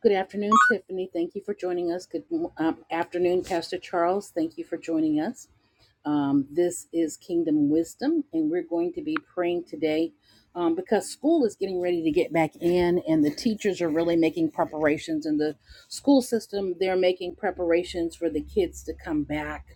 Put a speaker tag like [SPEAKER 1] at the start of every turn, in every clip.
[SPEAKER 1] Good afternoon, Tiffany. Thank you for joining us. Good um, afternoon, Pastor Charles. Thank you for joining us. Um, this is Kingdom Wisdom, and we're going to be praying today um, because school is getting ready to get back in, and the teachers are really making preparations, and the school system they're making preparations for the kids to come back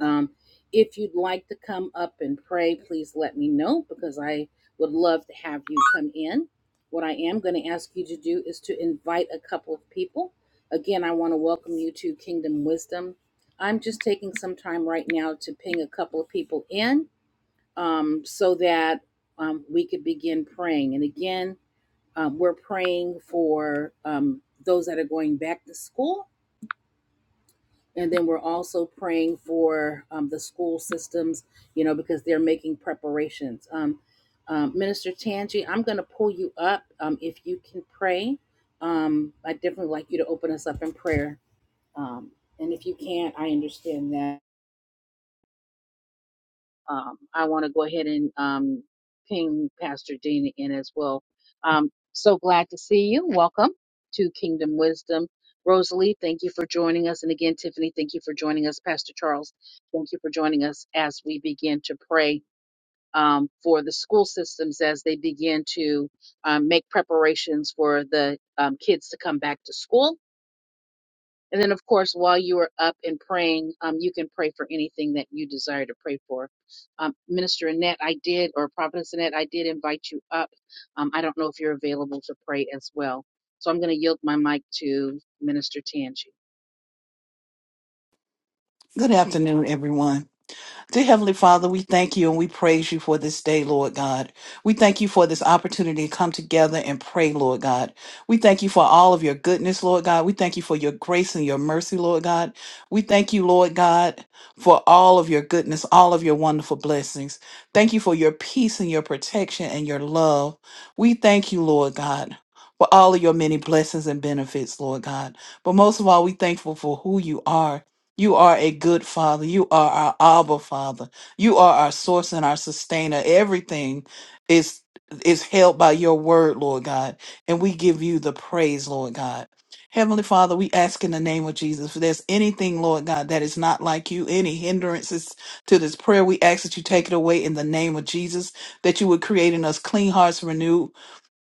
[SPEAKER 1] um, if you'd like to come up and pray, please let me know because I would love to have you come in. What I am going to ask you to do is to invite a couple of people. Again, I want to welcome you to Kingdom Wisdom. I'm just taking some time right now to ping a couple of people in um, so that um, we could begin praying. And again, um, we're praying for um, those that are going back to school and then we're also praying for um, the school systems, you know, because they're making preparations. Um, um, Minister Tangi, I'm going to pull you up um, if you can pray. Um, I definitely like you to open us up in prayer. Um, and if you can't, I understand that. Um, I want to go ahead and um, ping Pastor Dina in as well. Um, so glad to see you. Welcome to Kingdom Wisdom. Rosalie, thank you for joining us. And again, Tiffany, thank you for joining us. Pastor Charles, thank you for joining us as we begin to pray um, for the school systems as they begin to um, make preparations for the um, kids to come back to school and then, of course, while you are up and praying, um, you can pray for anything that you desire to pray for. Um, Minister Annette, I did, or Providence Annette, I did invite you up. Um, I don't know if you're available to pray as well. So I'm going to yield my mic to Minister Tangi.
[SPEAKER 2] Good afternoon, everyone. Dear Heavenly Father, we thank you and we praise you for this day, Lord God. We thank you for this opportunity to come together and pray, Lord God. We thank you for all of your goodness, Lord God. We thank you for your grace and your mercy, Lord God. We thank you, Lord God, for all of your goodness, all of your wonderful blessings. Thank you for your peace and your protection and your love. We thank you, Lord God. For all of your many blessings and benefits, Lord God. But most of all, we thankful for who you are you are a good father. You are our Abba Father. You are our source and our sustainer. Everything is is held by your word, Lord God. And we give you the praise, Lord God. Heavenly Father, we ask in the name of Jesus, if there's anything, Lord God, that is not like you, any hindrances to this prayer, we ask that you take it away in the name of Jesus, that you would create in us clean hearts renewed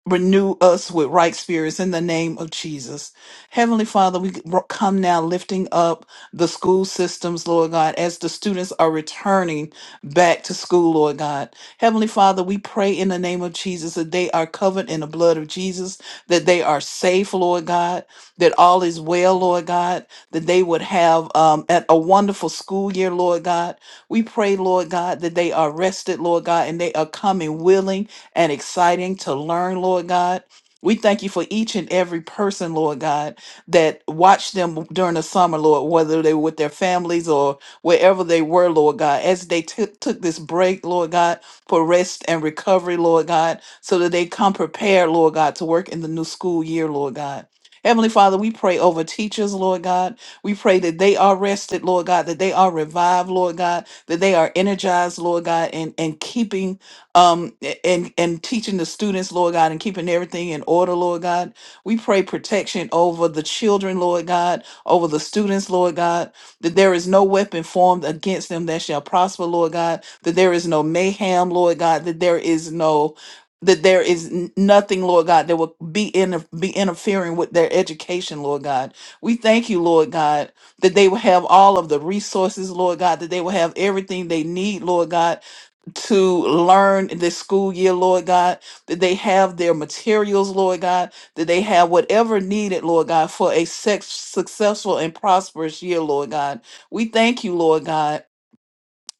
[SPEAKER 2] Renew us with right spirits in the name of Jesus. Heavenly Father, we come now lifting up the school systems, Lord God, as the students are returning back to school, Lord God. Heavenly Father, we pray in the name of Jesus that they are covered in the blood of Jesus, that they are safe, Lord God, that all is well, Lord God, that they would have um, at a wonderful school year, Lord God, we pray, Lord God, that they are rested, Lord God, and they are coming willing and exciting to learn, Lord God. We thank you for each and every person, Lord God, that watched them during the summer, Lord, whether they were with their families or wherever they were, Lord God, as they took took this break, Lord God, for rest and recovery, Lord God, so that they come prepared, Lord God, to work in the new school year, Lord God. Heavenly Father, we pray over teachers, Lord God. We pray that they are rested, Lord God, that they are revived, Lord God, that they are energized, Lord God, and, and keeping um a- and and teaching the students, Lord God, and keeping everything in order, Lord God. We pray protection over the children, Lord God, over the students, Lord God, that there is no weapon formed against them that shall prosper, Lord God, that there is no mayhem, Lord God, that there is no that there is n- nothing, Lord God, that will be in be interfering with their education, Lord God. We thank you, Lord God, that they will have all of the resources, Lord God, that they will have everything they need, Lord God, to learn in this school year, Lord God, that they have their materials, Lord God, that they have whatever needed, Lord God, for a sex, successful and prosperous year, Lord God. We thank you, Lord God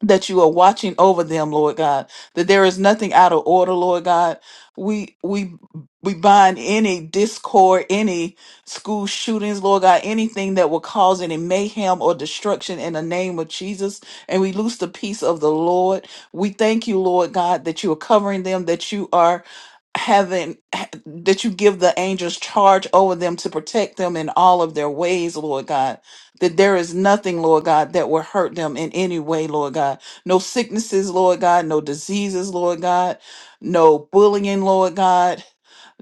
[SPEAKER 2] that you are watching over them, Lord God, that there is nothing out of order, Lord God. We we we bind any discord, any school shootings, Lord God, anything that will cause any mayhem or destruction in the name of Jesus. And we loose the peace of the Lord. We thank you, Lord God, that you are covering them, that you are having that you give the angels charge over them to protect them in all of their ways, Lord God. That there is nothing, Lord God, that will hurt them in any way, Lord God. No sicknesses, Lord God, no diseases, Lord God, no bullying, Lord God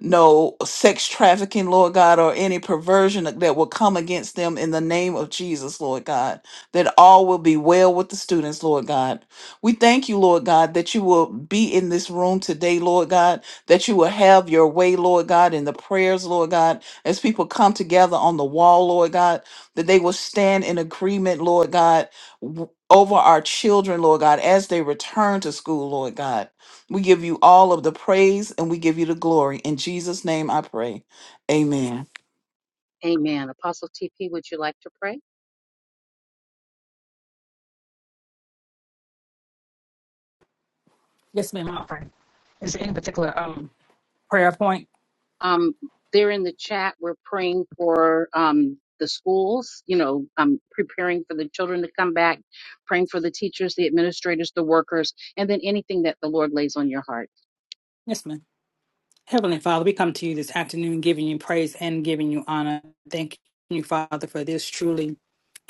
[SPEAKER 2] no sex trafficking, Lord God, or any perversion that will come against them in the name of Jesus, Lord God, that all will be well with the students, Lord God. We thank you, Lord God, that you will be in this room today, Lord God, that you will have your way, Lord God, in the prayers, Lord God, as people come together on the wall, Lord God, that they will stand in agreement, Lord God. w- Over our children, Lord God, as they return to school, Lord God we give you all of the praise and we give you the glory. In Jesus' name I pray. Amen.
[SPEAKER 1] Amen. Apostle TP, would you like to pray?
[SPEAKER 3] Yes, ma'am. I'll pray. Is there any particular um prayer point?
[SPEAKER 1] Um, there in the chat, we're praying for um, the schools, you know, um, preparing for the children to come back, praying for the teachers, the administrators, the workers, and then anything that the Lord lays on your heart.
[SPEAKER 3] Yes, ma'am. Heavenly Father, we come to you this afternoon giving you praise and giving you honor. Thank you, Father, for this truly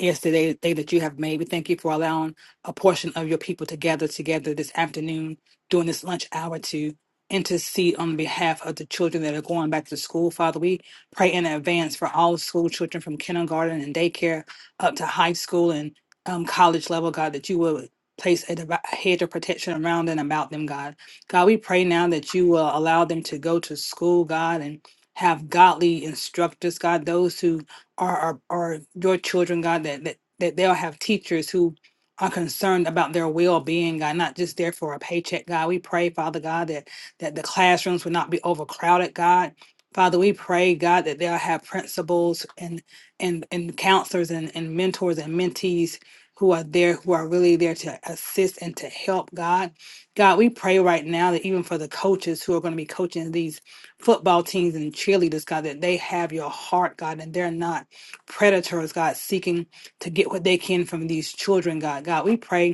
[SPEAKER 3] is the day, day that you have made. We thank you for allowing a portion of your people to gather together this afternoon during this lunch hour to intercede on behalf of the children that are going back to school. Father, we pray in advance for all school children from kindergarten and daycare up to high school and um, college level, God, that you will place a, divi- a hedge of protection around and about them, God. God, we pray now that you will allow them to go to school, God, and have godly instructors, God, those who are are, are your children, God, that, that that they'll have teachers who are concerned about their well-being, God, not just there for a paycheck, God. We pray, Father God, that that the classrooms will not be overcrowded, God. Father, we pray, God, that they'll have principals and and and counselors and, and mentors and mentees who are there, who are really there to assist and to help, God. God, we pray right now that even for the coaches who are going to be coaching these football teams and cheerleaders, God, that they have your heart, God, and they're not predators, God, seeking to get what they can from these children, God. God, we pray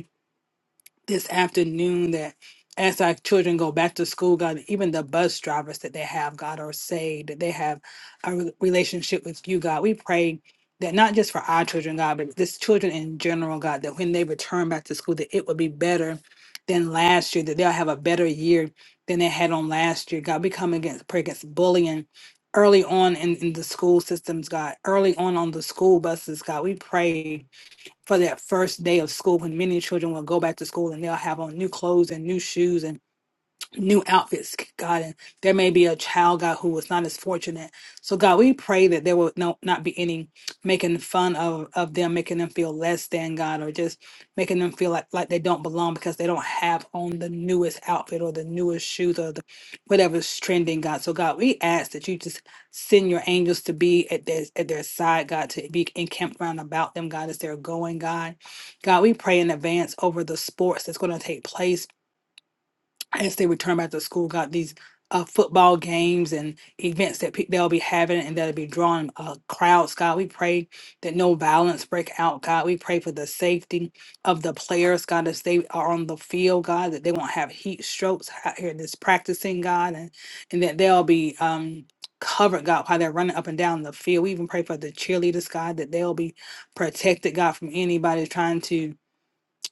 [SPEAKER 3] this afternoon that as our children go back to school, God, even the bus drivers that they have, God, are saved, that they have a re- relationship with you, God. We pray that not just for our children, God, but this children in general, God, that when they return back to school, that it will be better than last year, that they'll have a better year than they had on last year. God, we come against pray against bullying early on in, in the school systems, God, early on on the school buses, God. We pray for that first day of school when many children will go back to school and they'll have on new clothes and new shoes and new outfits, God, and there may be a child, God, who was not as fortunate. So, God, we pray that there will no, not be any making fun of, of them, making them feel less than God, or just making them feel like, like they don't belong because they don't have on the newest outfit or the newest shoes or the whatever's trending, God. So, God, we ask that you just send your angels to be at their, at their side, God, to be encamped round about them, God, as they're going, God. God, we pray in advance over the sports that's going to take place as they return back to school, got these uh, football games and events that pe- they'll be having and that'll be drawing uh, crowds. God, we pray that no violence break out. God, we pray for the safety of the players. God, as they are on the field, God, that they won't have heat strokes out here that's practicing, God, and, and that they'll be. Um, Covered God while they're running up and down the field. We even pray for the cheerleaders, God, that they'll be protected, God, from anybody trying to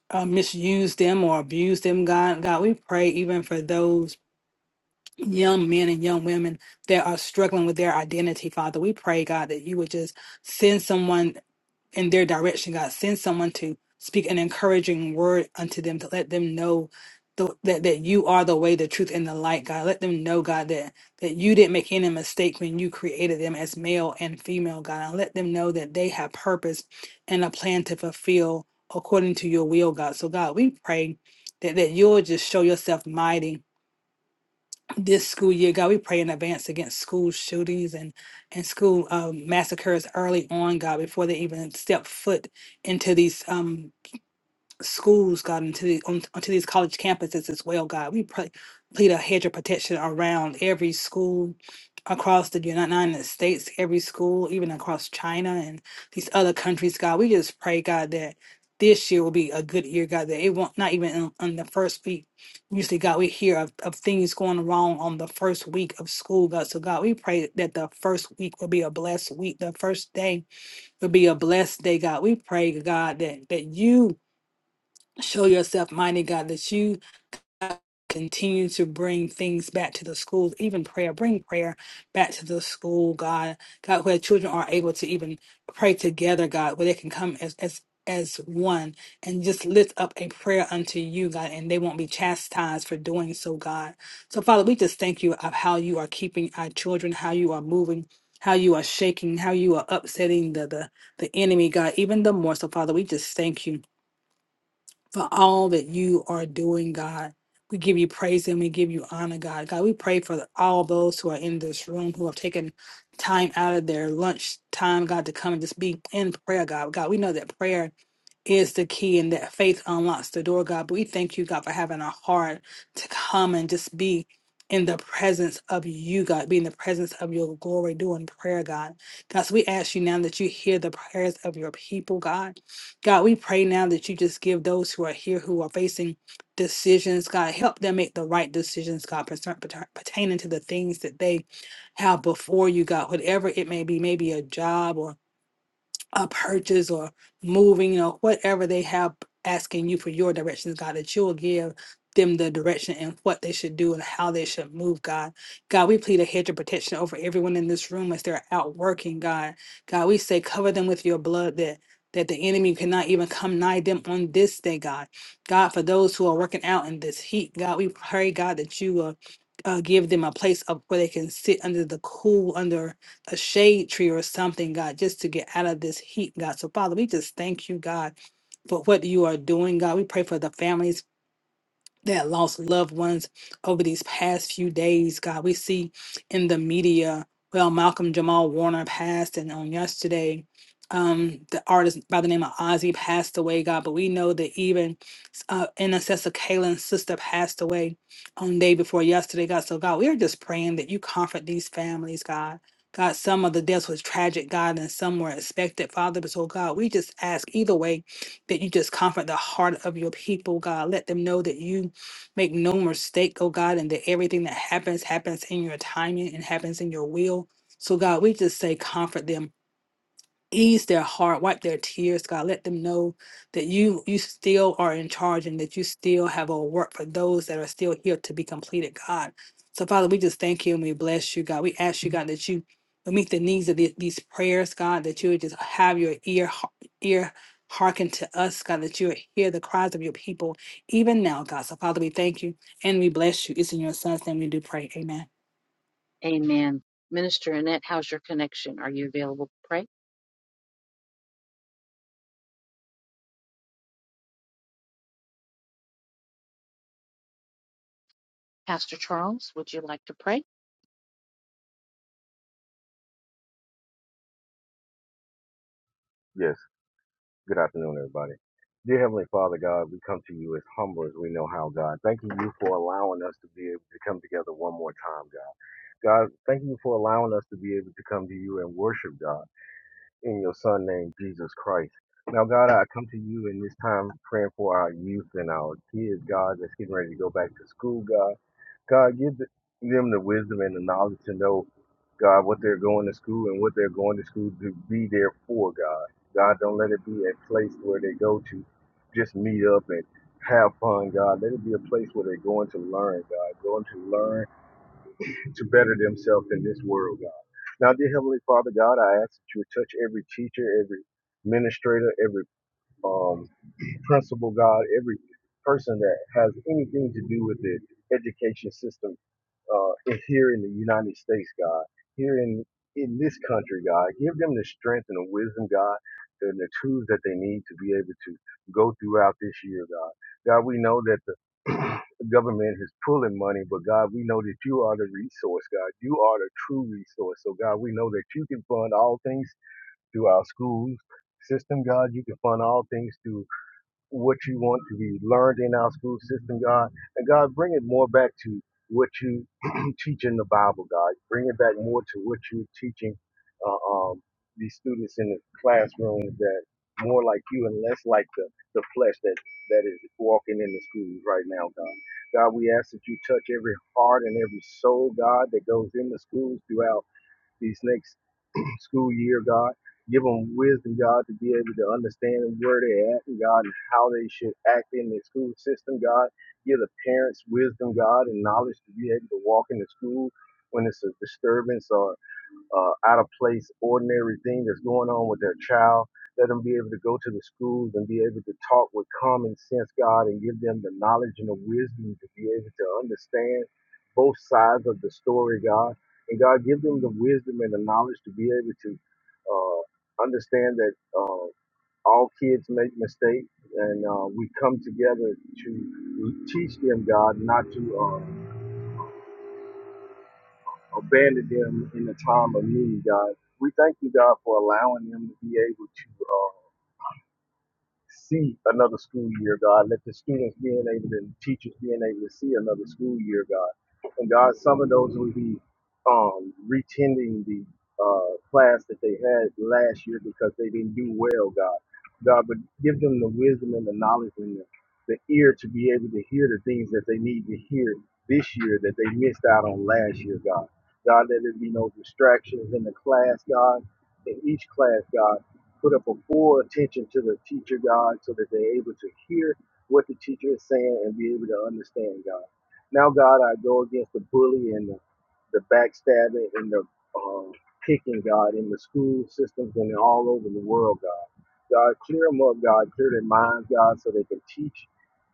[SPEAKER 3] uh, misuse them or abuse them, God. God, we pray even for those young men and young women that are struggling with their identity, Father. We pray, God, that you would just send someone in their direction, God. Send someone to speak an encouraging word unto them to let them know the, that, that you are the way, the truth, and the light, God. Let them know, God, that, that you didn't make any mistake when you created them as male and female, God. And let them know that they have purpose and a plan to fulfill according to your will, God. So, God, we pray that, that you'll just show yourself mighty this school year, God, we pray in advance against school shootings and and school um, massacres early on, God, before they even step foot into these. Um, schools, God, into the, on, onto these college campuses as well, God. We pray, plead a hedge of protection around every school across the United United States, every school, even across China and these other countries, God. We just pray, God, that this year will be a good year, God, that it won't, not even on, on the first week. Usually, God, we hear of, of things going wrong on the first week of school, God. So, God, we pray that the first week will be a blessed week. The first day will be a blessed day, God. We pray, God, that, that you show yourself mighty god that you continue to bring things back to the schools even prayer bring prayer back to the school god god where children are able to even pray together god where they can come as as as one and just lift up a prayer unto you god and they won't be chastised for doing so god so father we just thank you of how you are keeping our children how you are moving how you are shaking how you are upsetting the the, the enemy god even the more so father we just thank you for all that you are doing, God. We give you praise and we give you honor, God. God, we pray for all those who are in this room who have taken time out of their lunch time, God, to come and just be in prayer, God. God, we know that prayer is the key and that faith unlocks the door, God. But we thank you, God, for having a heart to come and just be in the presence of you, God, be in the presence of your glory, doing prayer, God. God, so we ask you now that you hear the prayers of your people, God. God, we pray now that you just give those who are here who are facing decisions, God, help them make the right decisions, God, pertain- pertain- pertaining to the things that they have before you, God, whatever it may be, maybe a job a purchase or moving or whatever they have asking you for your directions, God, that you'll give them the direction and what they should do and how they should move, God. God, we plead a hedge of protection over everyone in this room as they're out working, God. God, we say cover them with your blood that that the enemy cannot even come nigh them on this day, God. God, for those who are working out in this heat, God, we pray, God, that you will uh, give them a place up where they can sit under the cool, under a shade tree or something, God, just to get out of this heat, God. So, Father, we just thank you, God, for what you are doing, God. We pray for the families that lost loved ones over these past few days. God, we see in the media, well, Malcolm Jamal Warner passed, and on yesterday, um, the artist by the name of Ozzy passed away, God. But we know that even uh, intercessor Kaylin's sister passed away on day before yesterday, God. So, God, we are just praying that you comfort these families, God. God, some of the deaths was tragic, God, and some were expected, Father. But so, God, we just ask either way that you just comfort the heart of your people, God. Let them know that you Make no mistake, oh God, and that everything that happens happens in your timing and happens in your will. So, God, we just say comfort them, ease their heart, wipe their tears, God. Let them know that you you still are in charge and that you still have a work for those that are still here to be completed, God. So, Father, we just thank you and we bless you, God. We ask you, God, that you will meet the needs of the- these prayers, God, that you would just have your ear ear hearken to us, God, that you would hear the cries of your people even now, God. So, Father, we thank you. And we bless you. It's in your son's name we do pray. Amen.
[SPEAKER 1] Amen. Minister Annette, how's your connection? Are you available to pray? Pastor Charles, would you like to pray?
[SPEAKER 4] Yes. Good afternoon, everybody. Dear Heavenly Father, God, we come to you as humble as we know how, God. Thanking you for allowing us to be able to come together one more time, God. God, thank you for allowing us to be able to come to you and worship, God, in your Son name, Jesus Christ. Now, God, I come to you in this time praying for our youth and our kids, God, that's getting ready to go back to school, God. God, give th- them the wisdom and the knowledge to know, God, what they're going to school and what they're going to school to be there for, God. God, don't let it be a place where they go to just meet up and have fun, God. Let it be a place where they're going to learn, God, going to learn to better themselves in this world, God. Now, dear Heavenly Father, God, I ask that you would touch every teacher, every administrator, every um, principal, God, every person that has anything to do with the education system uh, in- here in the United States, God, here in in this country, God, give them the strength and the wisdom, God, and the tools that they need to be able to go throughout this year, God. God, we know that the government is pulling money, but God, we know that you are the resource, God. You are the true resource. So, God, we know that you can fund all things through our schools system, God. You can fund all things through what you want to be learned in our school system, God. And God, bring it more back to what you teach in the Bible, God. Bring it back more to what you're teaching uh, um, these students in the classrooms that more like you and less like the, the flesh that, that is walking in the schools right now, God. God, we ask that you touch every heart and every soul, God, that goes in the schools throughout these next school year, God. Give them wisdom, God, to be able to understand where they're at, God, and how they should act in the school system, God. Give the parents wisdom, God, and knowledge to be able to walk into school when it's a disturbance or uh, out of place, ordinary thing that's going on with their child. Let them be able to go to the schools and be able to talk with common sense, God, and give them the knowledge and the wisdom to be able to understand both sides of the story, God. And God, give them the wisdom and the knowledge to be able to uh, understand that uh, all kids make mistakes, and uh, we come together to teach them, God, not to. Uh, abandon them in the time of need, God. We thank you, God, for allowing them to be able to. Uh, see another school year, God. Let the students being able to, and teachers being able to see another school year, God. And God, some of those will be um, retending the uh, class that they had last year because they didn't do well, God. God, but give them the wisdom and the knowledge and the, the ear to be able to hear the things that they need to hear this year that they missed out on last year, God. God, let there be no distractions in the class, God, in each class, God put up a full attention to the teacher God so that they're able to hear what the teacher is saying and be able to understand God. Now, God, I go against the bully and the, the backstabbing and the um, kicking, God, in the school systems and all over the world, God. God, clear them up, God. Clear their minds, God, so they can teach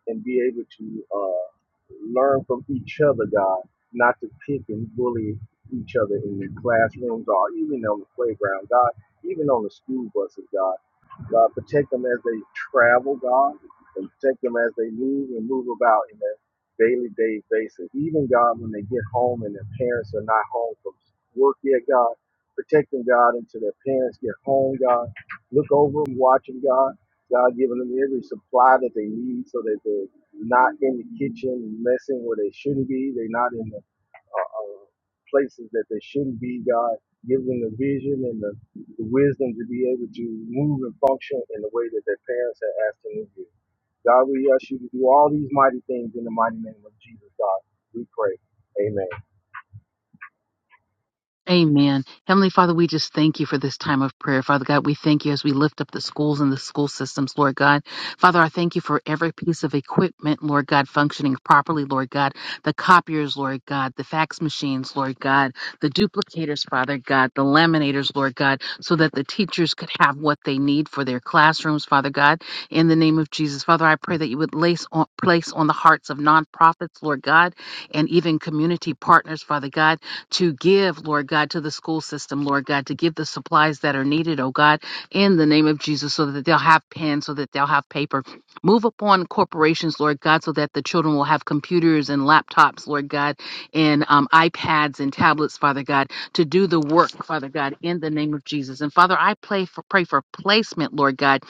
[SPEAKER 4] and be able to uh, learn from each other, God, not to pick and bully each other in the classrooms or even on the playground. God, even on the school buses, God. God, protect them as they travel, God, and protect them as they move and move about in their daily day basis. Even, God, when they get home and their parents are not home from work yet, God, protect them, God, until their parents get home, God. Look over them, watch them, God. God, giving them every supply that they need so that they're not in the kitchen messing where they shouldn't be. They're not in the uh, uh, places that they shouldn't be, God. Give them the vision and the, the wisdom to be able to move and function in the way that their parents have asked them to do. God, we ask you to do all these mighty things in the mighty name of Jesus, God. We pray. Amen.
[SPEAKER 1] Amen. Heavenly Father, we just thank you for this time of prayer. Father God, we thank you as we lift up the schools and the school systems, Lord God. Father, I thank you for every piece of equipment, Lord God, functioning properly, Lord God. The copiers, Lord God, the fax machines, Lord God, the duplicators, Father God, the laminators, Lord God, so that the teachers could have what they need for their classrooms, Father God. In the name of Jesus, Father, I pray that you would lace on, place on the hearts of nonprofits, Lord God, and even community partners, Father God to give, Lord God, to the school system, Lord God, to give the supplies that are needed, oh God, in the name of Jesus, so that they'll have pens, so that they'll have paper. Move upon corporations, Lord God, so that the children will have computers and laptops, Lord God, and um, iPads and tablets, Father God, to do the work, Father God, in the name of Jesus. And Father, I pray for, pray for placement, Lord God,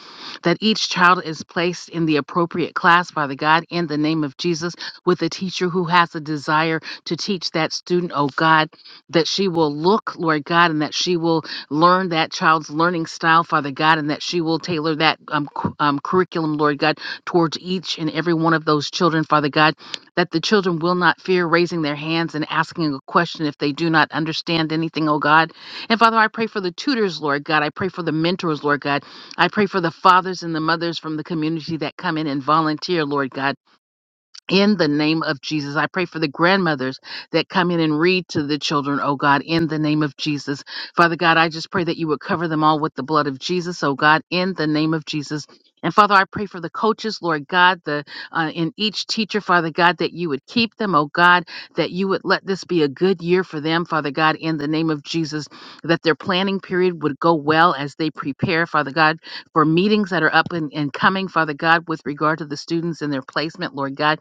[SPEAKER 1] that each child is placed in the appropriate class, Father God, in the name of Jesus, with a teacher who has a desire to teach that student, oh God that she will look, Lord God, and that she will learn that child's learning style, Father God, and that she will tailor that um, cu- um, curriculum, Lord God, towards each and every one of those children, Father God, that the children will not fear raising their hands and asking a question if they do not understand anything, oh God. And Father, I pray for the tutors, Lord God. I pray for the mentors, Lord God. I pray for the fathers and the mothers from the community that come in and volunteer, Lord God in the name of Jesus. I pray for the grandmothers that come in and read to the children, oh God, in the name of Jesus. Father God, I just pray that you would cover them all with the blood of Jesus, oh God, in the name of Jesus. And Father, I pray for the coaches, Lord God, the uh, in each teacher, Father God, that you would keep them, oh God, that you would let this be a good year for them, Father God, in the name of Jesus, that their planning period would go well as they prepare, Father God, for meetings that are up and, and coming, Father God, with regard to the students and their placement, Lord God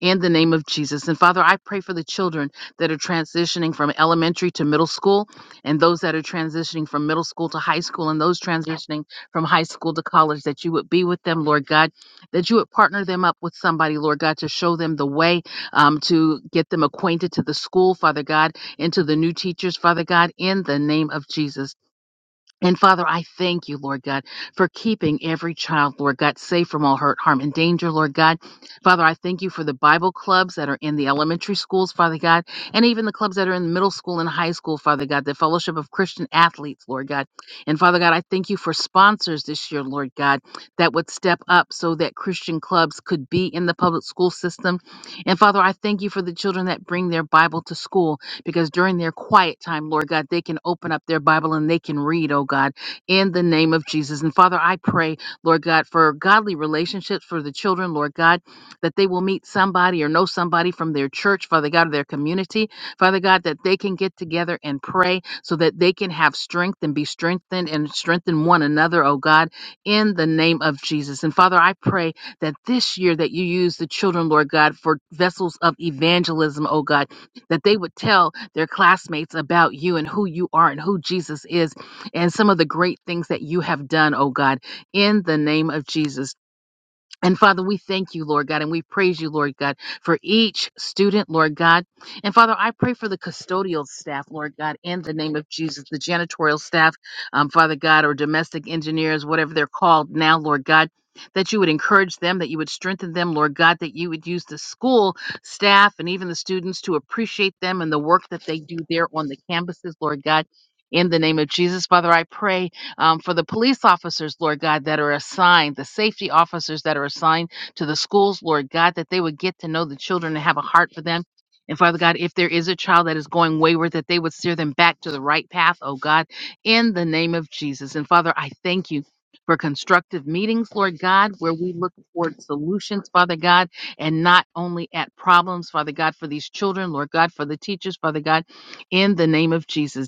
[SPEAKER 1] in the name of Jesus. And Father, I pray for the children that are transitioning from elementary to middle school, and those that are transitioning from middle school to high school, and those transitioning from high school to college, that you would be with them, Lord God, that you would partner them up with somebody, Lord God, to show them the way, um, to get them acquainted to the school, Father God, and to the new teachers, Father God, in the name of Jesus. And Father, I thank you, Lord God, for keeping every child, Lord God, safe from all hurt, harm, and danger, Lord God. Father, I thank you for the Bible clubs that are in the elementary schools, Father God, and even the clubs that are in middle school and high school, Father God, the Fellowship of Christian Athletes, Lord God. And Father God, I thank you for sponsors this year, Lord God, that would step up so that Christian clubs could be in the public school system. And Father, I thank you for the children that bring their Bible to school because during their quiet time, Lord God, they can open up their Bible and they can read, oh God, in the name of Jesus. And Father, I pray, Lord God, for godly relationships for the children, Lord God, that they will meet somebody or know somebody from their church, Father God, or their community, Father God, that they can get together and pray so that they can have strength and be strengthened and strengthen one another, oh God, in the name of Jesus. And Father, I pray that this year that you use the children, Lord God, for vessels of evangelism, oh God that they would tell their classmates about you and who you are and who Jesus is and some of the great things that you have done, oh God, in the name of Jesus. And Father, we thank you, Lord God, and we praise you, Lord God, for each student, Lord God. And Father, I pray for the custodial staff, Lord God, in the name of Jesus, the janitorial staff, um, Father God, or domestic engineers, whatever they're called now, Lord God. That you would encourage them, that you would strengthen them, Lord God, that you would use the school staff and even the students to appreciate them and the work that they do there on the campuses, Lord God. In the name of Jesus, Father, I pray um, for the police officers, Lord God, that are assigned, the safety officers that are assigned to the schools, Lord God, that they would get to know the children and have a heart for them. And Father God, if there is a child that is going wayward, that they would steer them back to the right path, oh God, in the name of Jesus. And Father, I thank you for constructive meetings, Lord God, where we look for solutions, Father God, and not only at problems, Father God, for these children, Lord God, for the teachers, Father God, in the name of Jesus.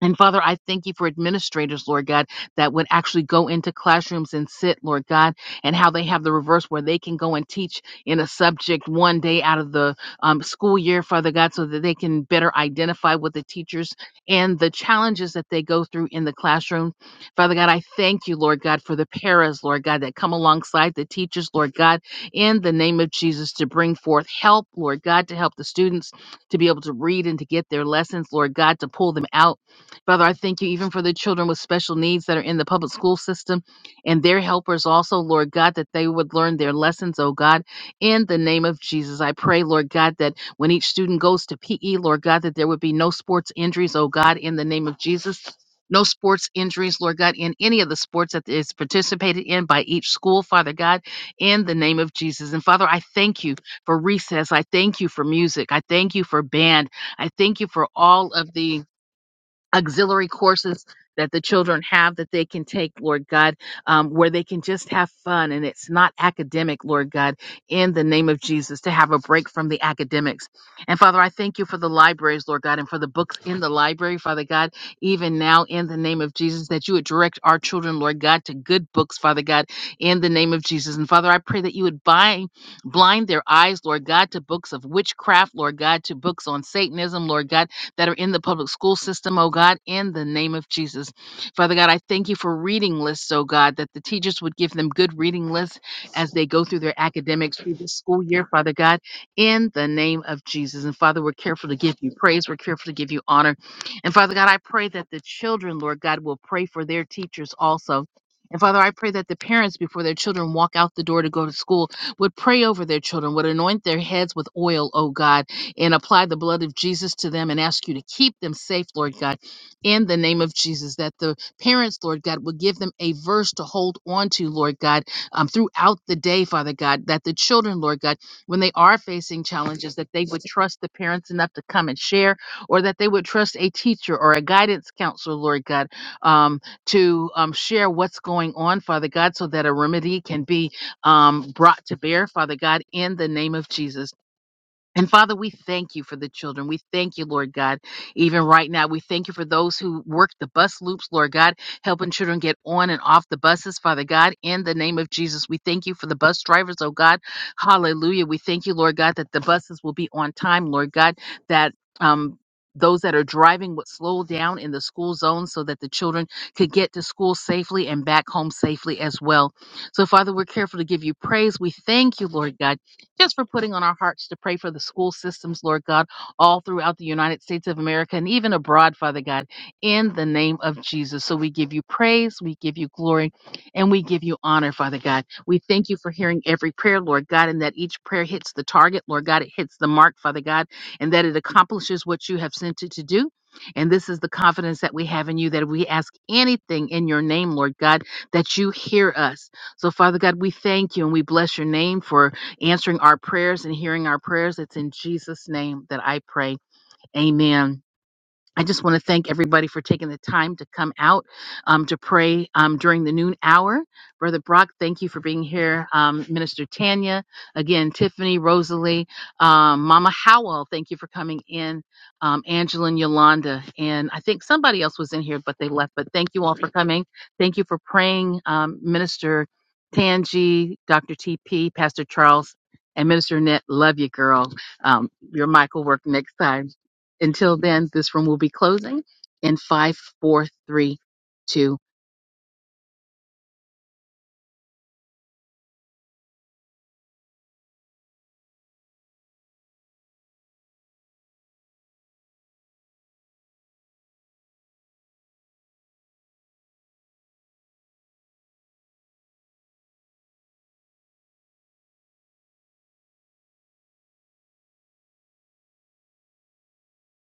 [SPEAKER 1] And Father, I thank you for administrators, Lord God, that would actually go into classrooms and sit, Lord God, and how they have the reverse where they can go and teach in a subject one day out of the um, school year, Father God, so that they can better identify with the teachers and the challenges that they go through in the classroom. Father God, I thank you, Lord God, for the paras, Lord God, that come alongside the teachers, Lord God, in the name of Jesus to bring forth help, Lord God, to help the students to be able to read and to get their lessons, Lord God, to pull them out Father, I thank you even for the children with special needs that are in the public school system and their helpers also, Lord God, that they would learn their lessons, oh God, in the name of Jesus. I pray, Lord God, that when each student goes to PE, Lord God, that there would be no sports injuries, oh God, in the name of Jesus. No sports injuries, Lord God, in any of the sports that is participated in by each school, Father God, in the name of Jesus. And Father, I thank you for recess. I thank you for music. I thank you for band. I thank you for all of the auxiliary courses that the children have that they can take, Lord God, um, where they can just have fun and it's not academic, Lord God, in the name of Jesus, to have a break from the academics. And Father, I thank you for the libraries, Lord God, and for the books in the library, Father God, even now in the name of Jesus, that you would direct our children, Lord God, to good books, Father God, in the name of Jesus. And Father, I pray that you would bind, blind their eyes, Lord God, to books of witchcraft, Lord God, to books on Satanism, Lord God, that are in the public school system, oh God, in the name of Jesus. Father God, I thank you for reading lists, oh God, that the teachers would give them good reading lists as they go through their academics through this school year, Father God, in the name of Jesus. And Father, we're careful to give you praise, we're careful to give you honor. And Father God, I pray that the children, Lord God, will pray for their teachers also. And Father, I pray that the parents, before their children walk out the door to go to school, would pray over their children, would anoint their heads with oil, oh God, and apply the blood of Jesus to them and ask you to keep them safe, Lord God, in the name of Jesus. That the parents, Lord God, will give them a verse to hold on to, Lord God, um, throughout the day, Father God. That the children, Lord God, when they are facing challenges, that they would trust the parents enough to come and share, or that they would trust a teacher or a guidance counselor, Lord God, um, to um, share what's going on, Father God, so that a remedy can be um, brought to bear, Father God, in the name of Jesus. And Father, we thank you for the children. We thank you, Lord God, even right now. We thank you for those who work the bus loops, Lord God, helping children get on and off the buses, Father God, in the name of Jesus. We thank you for the bus drivers, oh God. Hallelujah. We thank you, Lord God, that the buses will be on time, Lord God, that, um, those that are driving would slow down in the school zone so that the children could get to school safely and back home safely as well. So, Father, we're careful to give you praise. We thank you, Lord God just for putting on our hearts to pray for the school systems, Lord God, all throughout the United States of America and even abroad, Father God, in the name of Jesus. So we give you praise, we give you glory, and we give you honor, Father God. We thank you for hearing every prayer, Lord God, and that each prayer hits the target, Lord God, it hits the mark, Father God, and that it accomplishes what you have sent it to do. And this is the confidence that we have in you that if we ask anything in your name, Lord God, that you hear us. So, Father God, we thank you and we bless your name for answering our prayers and hearing our prayers. It's in Jesus' name that I pray. Amen. I just want to thank everybody for taking the time to come out um, to pray um, during the noon hour. Brother Brock, thank you for being here. Um, Minister Tanya, again, Tiffany, Rosalie, um, Mama Howell, thank you for coming in. Um, Angela and Yolanda, and I think somebody else was in here, but they left. But thank you all for coming. Thank you for praying, um, Minister Tangi, Dr. TP, Pastor Charles, and Minister Net. Love you, girl. Um, your mic will work next time. Until then, this room will be closing in five, four, three, two.